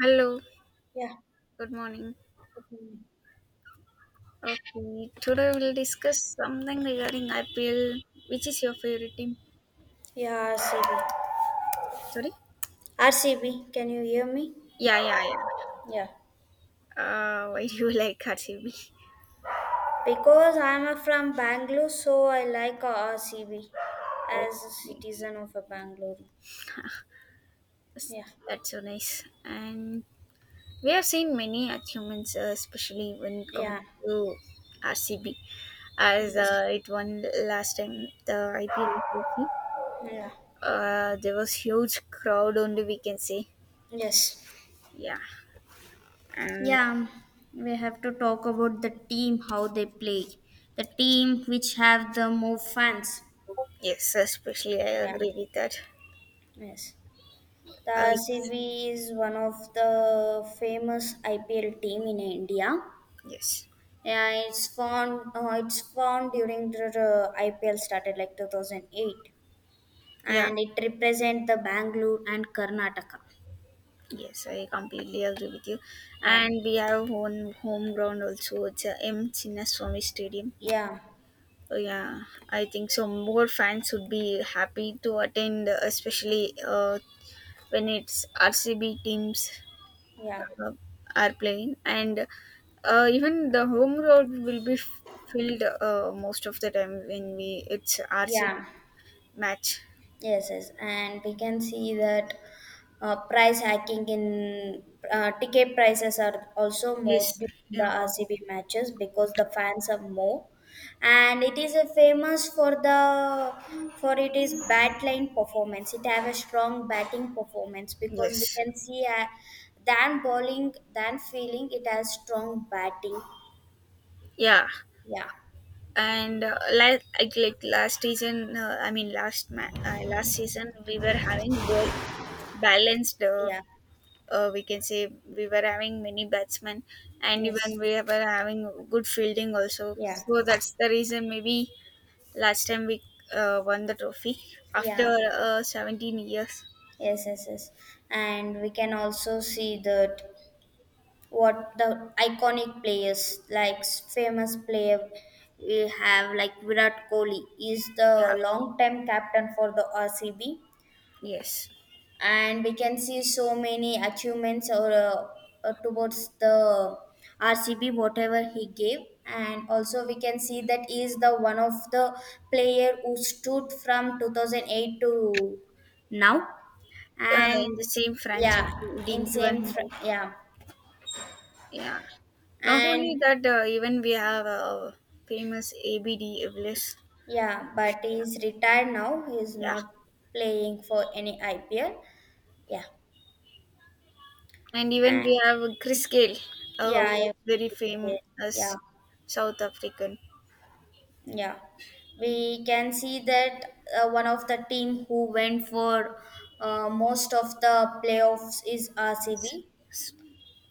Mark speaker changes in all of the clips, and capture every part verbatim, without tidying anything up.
Speaker 1: Hello,
Speaker 2: Yeah.
Speaker 1: good morning. Okay, today we'll discuss something regarding I P L. Which is your favorite team?
Speaker 2: Yeah, R C B.
Speaker 1: Sorry?
Speaker 2: R C B, can you hear me?
Speaker 1: Yeah, yeah, yeah.
Speaker 2: Yeah.
Speaker 1: Uh, why do you like R C B?
Speaker 2: Because I'm a from Bangalore, so I like uh, R C B
Speaker 1: Okay.
Speaker 2: as a citizen of a Bangalore. Yeah.
Speaker 1: That's so nice. And we have seen many achievements, uh, especially when it comes
Speaker 2: Yeah.
Speaker 1: to R C B, as
Speaker 2: Yes.
Speaker 1: uh, it won last time the I P L trophy.
Speaker 2: Yeah.
Speaker 1: Uh, there was huge crowd only we can say.
Speaker 2: Yes.
Speaker 1: Yeah, and
Speaker 2: Yeah. We have to talk about the team, how they play. The team which have the more fans.
Speaker 1: yes, especially I
Speaker 2: Yeah.
Speaker 1: agree with that.
Speaker 2: Yes. The
Speaker 1: Uh, it's-
Speaker 2: R C B is one of the famous I P L team in India.
Speaker 1: yes,
Speaker 2: Yeah, it's formed. Uh, it's formed during the uh, I P L started like two thousand eight,
Speaker 1: yeah,
Speaker 2: and it represents the Bangalore and Karnataka.
Speaker 1: yes, I completely agree with you.
Speaker 2: Yeah,
Speaker 1: And we have one home ground also. It's uh, M Chinnaswamy Stadium.
Speaker 2: yeah,
Speaker 1: Oh, yeah, I think so. More fans would be happy to attend, uh, especially uh, when it's R C B teams
Speaker 2: yeah,
Speaker 1: uh, are playing, and uh, even the home ground will be f- filled uh, most of the time when we it's R C B
Speaker 2: yeah.
Speaker 1: match.
Speaker 2: Yes, yes, and we can see that uh, price hacking in uh, ticket prices are also more
Speaker 1: Yes.
Speaker 2: during the
Speaker 1: Yeah.
Speaker 2: R C B matches because the fans are more, and it is a famous for the for it is bat line performance. It have a strong batting performance because we
Speaker 1: Yes.
Speaker 2: can see uh, than bowling than feeling it has strong batting.
Speaker 1: Yeah.
Speaker 2: Yeah,
Speaker 1: And uh, like, like like last season, uh, I mean last ma- uh, last season we were having both balanced. Uh,
Speaker 2: yeah,
Speaker 1: uh, we can say we were having many batsmen, and even
Speaker 2: yes,
Speaker 1: we were having good fielding also.
Speaker 2: yeah,
Speaker 1: So that's the reason maybe last time we uh, won the trophy
Speaker 2: yeah.
Speaker 1: after uh, seventeen years.
Speaker 2: Yes, yes, yes. And we can also see that what the iconic players like famous player we have like Virat Kohli is the
Speaker 1: Yeah.
Speaker 2: long time captain for the R C B,
Speaker 1: Yes.
Speaker 2: and we can see so many achievements or uh, uh, towards the R C B whatever he gave, and also we can see that he is the one of the player who stood from two thousand eight to now.
Speaker 1: Uh,
Speaker 2: And
Speaker 1: in the same franchise,
Speaker 2: yeah,
Speaker 1: it
Speaker 2: in
Speaker 1: didn't
Speaker 2: same
Speaker 1: even.
Speaker 2: fr- yeah.
Speaker 1: Yeah. Not
Speaker 2: And
Speaker 1: only that, uh, even we have uh, famous A B D Iblis.
Speaker 2: yeah, but he's retired now, he's
Speaker 1: Yeah.
Speaker 2: not playing for any I P L. Yeah.
Speaker 1: And even
Speaker 2: And
Speaker 1: we have Chris Gale, uh, who
Speaker 2: yeah,
Speaker 1: was
Speaker 2: I,
Speaker 1: very
Speaker 2: yeah,
Speaker 1: famous South African.
Speaker 2: yeah, we can see that uh, one of the team who went for uh, most of the playoffs is
Speaker 1: Yes.
Speaker 2: R C B.
Speaker 1: Yes.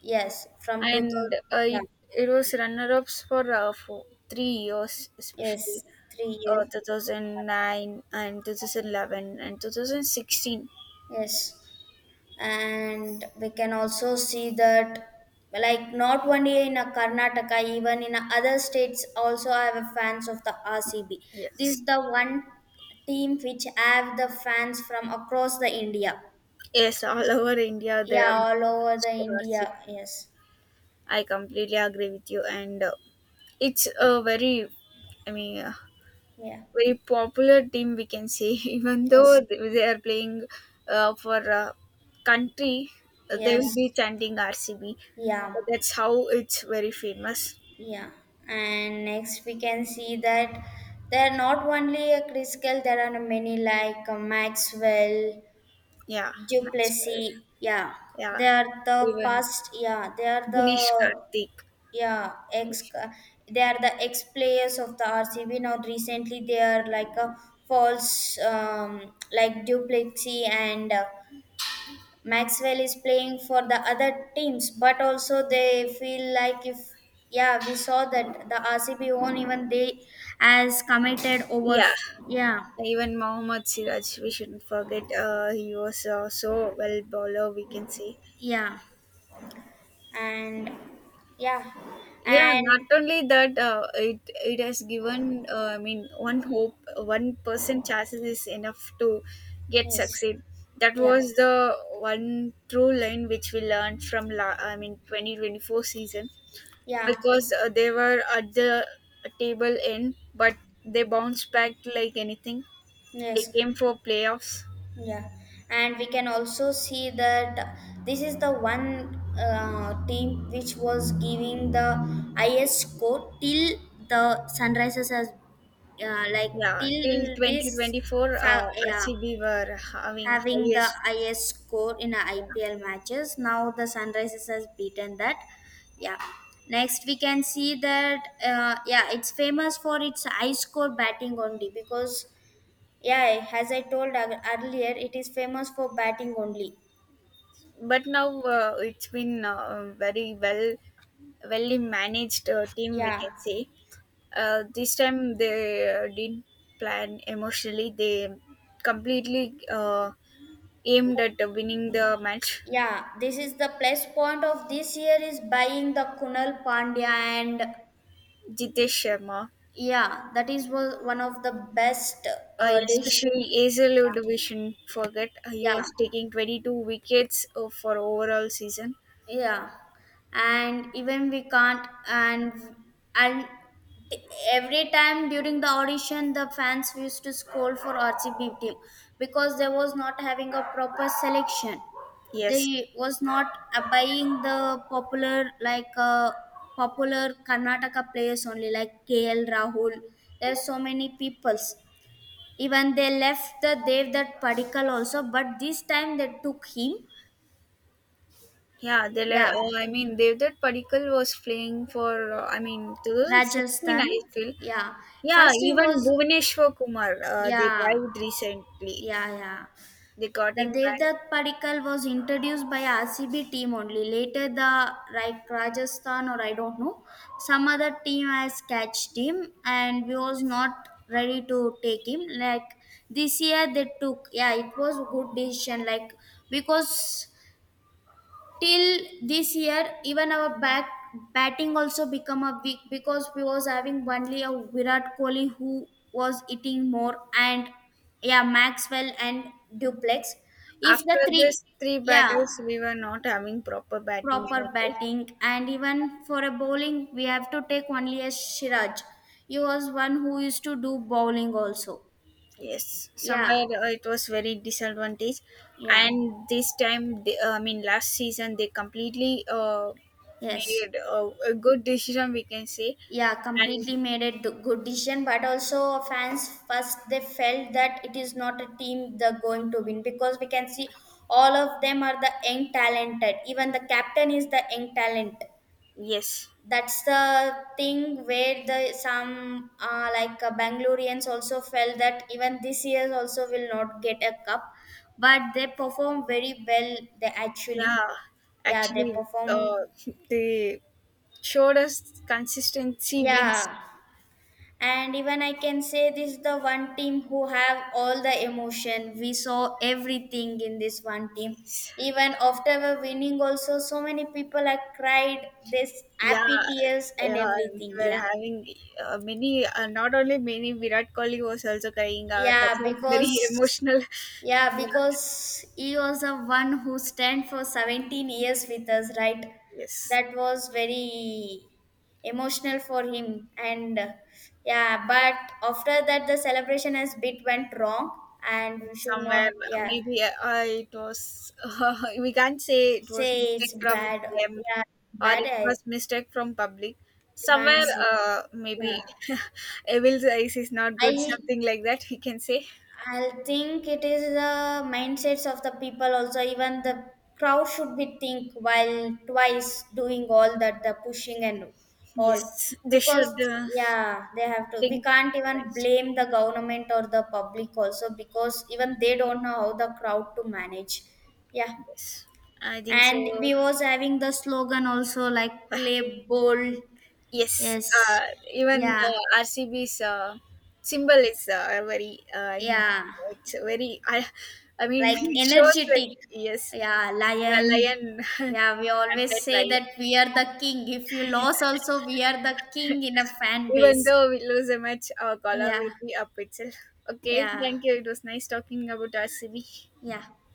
Speaker 2: Yes, from
Speaker 1: And
Speaker 2: two thousand.
Speaker 1: uh,
Speaker 2: Yeah,
Speaker 1: it, it was runner ups for, uh, for three years, especially
Speaker 2: yes, three
Speaker 1: uh,
Speaker 2: years.
Speaker 1: two thousand nine and twenty eleven and two thousand sixteen.
Speaker 2: Yes, and we can also see that, like, not only in a Karnataka, even in a other states also, I have a fans of the R C B. This
Speaker 1: Yes.
Speaker 2: is the one team which have the fans from across the India.
Speaker 1: Yes, all over India there are
Speaker 2: Yeah, all over
Speaker 1: monuments
Speaker 2: the
Speaker 1: for our.
Speaker 2: India. Yes,
Speaker 1: I completely agree with you. And uh, It's a very, I mean, uh,
Speaker 2: yeah,
Speaker 1: very popular team we can say. Even though
Speaker 2: yes,
Speaker 1: they they are playing uh, for uh, country, uh, they will
Speaker 2: yes,
Speaker 1: be chanting R C B.
Speaker 2: yeah,
Speaker 1: That's how it's very famous.
Speaker 2: yeah, and next we can see that there are not only a Criskel, there are many like uh, Maxwell,
Speaker 1: Yeah, Maxwell.
Speaker 2: Duplessis, yeah,
Speaker 1: Yeah,
Speaker 2: they are the
Speaker 1: even
Speaker 2: past, yeah, they are
Speaker 1: Dinesh
Speaker 2: the
Speaker 1: Karthik.
Speaker 2: yeah ex, they are the ex players of the R C B. Now recently they are like a false, um, like Duplessis and uh, Maxwell is playing for the other teams, but also they feel like if yeah we saw that the R C B won even they as committed over.
Speaker 1: Yeah,
Speaker 2: Yeah,
Speaker 1: even Mohammad Siraj. We shouldn't forget. Uh, he was uh, so well bowler. We can say.
Speaker 2: yeah, and yeah,
Speaker 1: Yeah, not
Speaker 2: and
Speaker 1: only that, uh, it it has given. Uh, I mean, one hope, one person chances is enough to get
Speaker 2: yes,
Speaker 1: succeed. That
Speaker 2: yeah,
Speaker 1: was the one true line which we learned from. La- I mean, twenty twenty four season,
Speaker 2: yeah,
Speaker 1: because uh, they were at the table end, but they bounced back like anything. They
Speaker 2: yes,
Speaker 1: came for playoffs.
Speaker 2: yeah. And we can also see that this is the one uh, team which was giving the highest score till the sunrises as uh, like
Speaker 1: Yeah, till
Speaker 2: till
Speaker 1: twenty
Speaker 2: this
Speaker 1: twenty four, uh,
Speaker 2: fa- yeah,
Speaker 1: R C B were having
Speaker 2: having the
Speaker 1: highest.
Speaker 2: highest score in a
Speaker 1: Yeah.
Speaker 2: I P L matches. Now the sunrises has beaten that. Yeah. Next, we can see that uh, yeah, it's famous for its high score batting only. Because yeah, as I told ear- earlier, it is famous for batting only.
Speaker 1: But now uh, it's been uh, very well well managed uh, team we
Speaker 2: Yeah,
Speaker 1: can say. Uh, this time they uh, didn't plan emotionally, they completely uh, aimed at winning the match.
Speaker 2: yeah. This is the plus point of this year is buying the Kunal Pandya. And
Speaker 1: Jitesh Sharma,
Speaker 2: yeah, that is one one of the best
Speaker 1: uh,
Speaker 2: uh, dish.
Speaker 1: especially. Azal division forget, uh, he
Speaker 2: Yeah,
Speaker 1: was taking twenty-two wickets uh, for overall season.
Speaker 2: yeah, and even we can't, and and every time during the audition, the fans used to scold for R C B team because they was not having a proper selection.
Speaker 1: Yes.
Speaker 2: They was not uh, buying the popular like uh, popular Karnataka players only like K L Rahul. There's so many peoples. Even they left the Devdutt Padikkal also, but this time they took him.
Speaker 1: Yeah, they. Le-
Speaker 2: Yeah,
Speaker 1: Uh, I mean, Devdutt Padikkal was playing for. Uh, I mean, twenty sixteen. I
Speaker 2: Rajasthan.
Speaker 1: feel.
Speaker 2: Yeah.
Speaker 1: Yeah,
Speaker 2: First he
Speaker 1: even
Speaker 2: was,
Speaker 1: Bhuvaneshwar Kumar, uh, they
Speaker 2: yeah,
Speaker 1: died recently.
Speaker 2: yeah, yeah.
Speaker 1: They got
Speaker 2: The
Speaker 1: him back.
Speaker 2: Devdutt Padikal was introduced by R C B team only. Later the right Rajasthan, or I don't know, some other team has catched him and we was not ready to take him. Like this year they took, yeah, it was a good decision. Like, because till this year even our back batting also become a weak, because we was having only a Virat Kohli who was eating more, and yeah, Maxwell and Duplex, if the
Speaker 1: After
Speaker 2: three.
Speaker 1: this three
Speaker 2: Yeah,
Speaker 1: battles, we were not having proper batting
Speaker 2: proper
Speaker 1: only.
Speaker 2: batting, and even for a bowling we have to take only a Siraj. He was one who used to do bowling also.
Speaker 1: Yes,
Speaker 2: Yeah,
Speaker 1: somewhere uh, it was very disadvantage.
Speaker 2: yeah,
Speaker 1: And this time, they, uh, I mean, last season, they completely uh,
Speaker 2: yes,
Speaker 1: made a, a good decision, we can say.
Speaker 2: yeah,
Speaker 1: And
Speaker 2: completely made it the good decision. But also fans first they felt that it is not a team they're going to win because we can see all of them are the young talented, even the captain is the young talent.
Speaker 1: yes,
Speaker 2: That's the thing where the some uh, like uh, Bangaloreans also felt that even this year also will not get a cup. But they perform very well, they actually,
Speaker 1: yeah,
Speaker 2: yeah, they
Speaker 1: actually, uh,
Speaker 2: perform.
Speaker 1: they showed us consistency wins.
Speaker 2: Yeah, and even I can say this is the one team who have all the emotion. We saw everything in this one team.
Speaker 1: Yes.
Speaker 2: Even after we winning also, so many people are cried this
Speaker 1: Yeah,
Speaker 2: happy tears and
Speaker 1: yeah, we
Speaker 2: everything.
Speaker 1: were
Speaker 2: Yeah.
Speaker 1: having uh, many, uh, not only many, Virat Kohli was also crying. Uh, that
Speaker 2: Yeah,
Speaker 1: was very
Speaker 2: because
Speaker 1: emotional.
Speaker 2: yeah,
Speaker 1: Yeah,
Speaker 2: because he was the one who stand for seventeen years with us, right?
Speaker 1: yes.
Speaker 2: That was very emotional for him, and uh, yeah, but after that the celebration has bit went wrong, and we should not,
Speaker 1: Somewhere,
Speaker 2: yeah,
Speaker 1: maybe uh, uh, it was, we can't say it was
Speaker 2: say
Speaker 1: mistake
Speaker 2: it's
Speaker 1: from
Speaker 2: bad.
Speaker 1: them
Speaker 2: Yeah,
Speaker 1: or
Speaker 2: bad,
Speaker 1: it
Speaker 2: I
Speaker 1: was mistake from public.
Speaker 2: we can't
Speaker 1: Somewhere,
Speaker 2: say.
Speaker 1: uh,
Speaker 2: Yeah.
Speaker 1: maybe Evil's eyes is not good,
Speaker 2: I
Speaker 1: something like that, we can say.
Speaker 2: I think it is the mindsets of the people also. Even the crowd should be think while twice doing all that the pushing and all,
Speaker 1: Yes, they
Speaker 2: because
Speaker 1: should uh,
Speaker 2: yeah they have to. We
Speaker 1: think
Speaker 2: can't even
Speaker 1: twice.
Speaker 2: blame the government or the public also, because even they don't know how the crowd to manage. Yeah,
Speaker 1: Yes, I think so.
Speaker 2: and we was having the slogan also like play bold.
Speaker 1: Yes,
Speaker 2: Yes,
Speaker 1: uh, even the
Speaker 2: yeah,
Speaker 1: RCB's uh, symbol is uh, very. Uh, I mean,
Speaker 2: yeah.
Speaker 1: it's a very. I, I mean,
Speaker 2: Like
Speaker 1: it shows like
Speaker 2: energetic.
Speaker 1: yes,
Speaker 2: Yeah,
Speaker 1: the
Speaker 2: lion.
Speaker 1: lion,
Speaker 2: Yeah, we always
Speaker 1: that
Speaker 2: say
Speaker 1: lion.
Speaker 2: that we are the king. If you lose also, we are the king in a fan
Speaker 1: Even
Speaker 2: base.
Speaker 1: though we lose a match, our color will
Speaker 2: Yeah,
Speaker 1: be up itself. Okay,
Speaker 2: yeah,
Speaker 1: thank you. It was nice talking about R C B.
Speaker 2: yeah.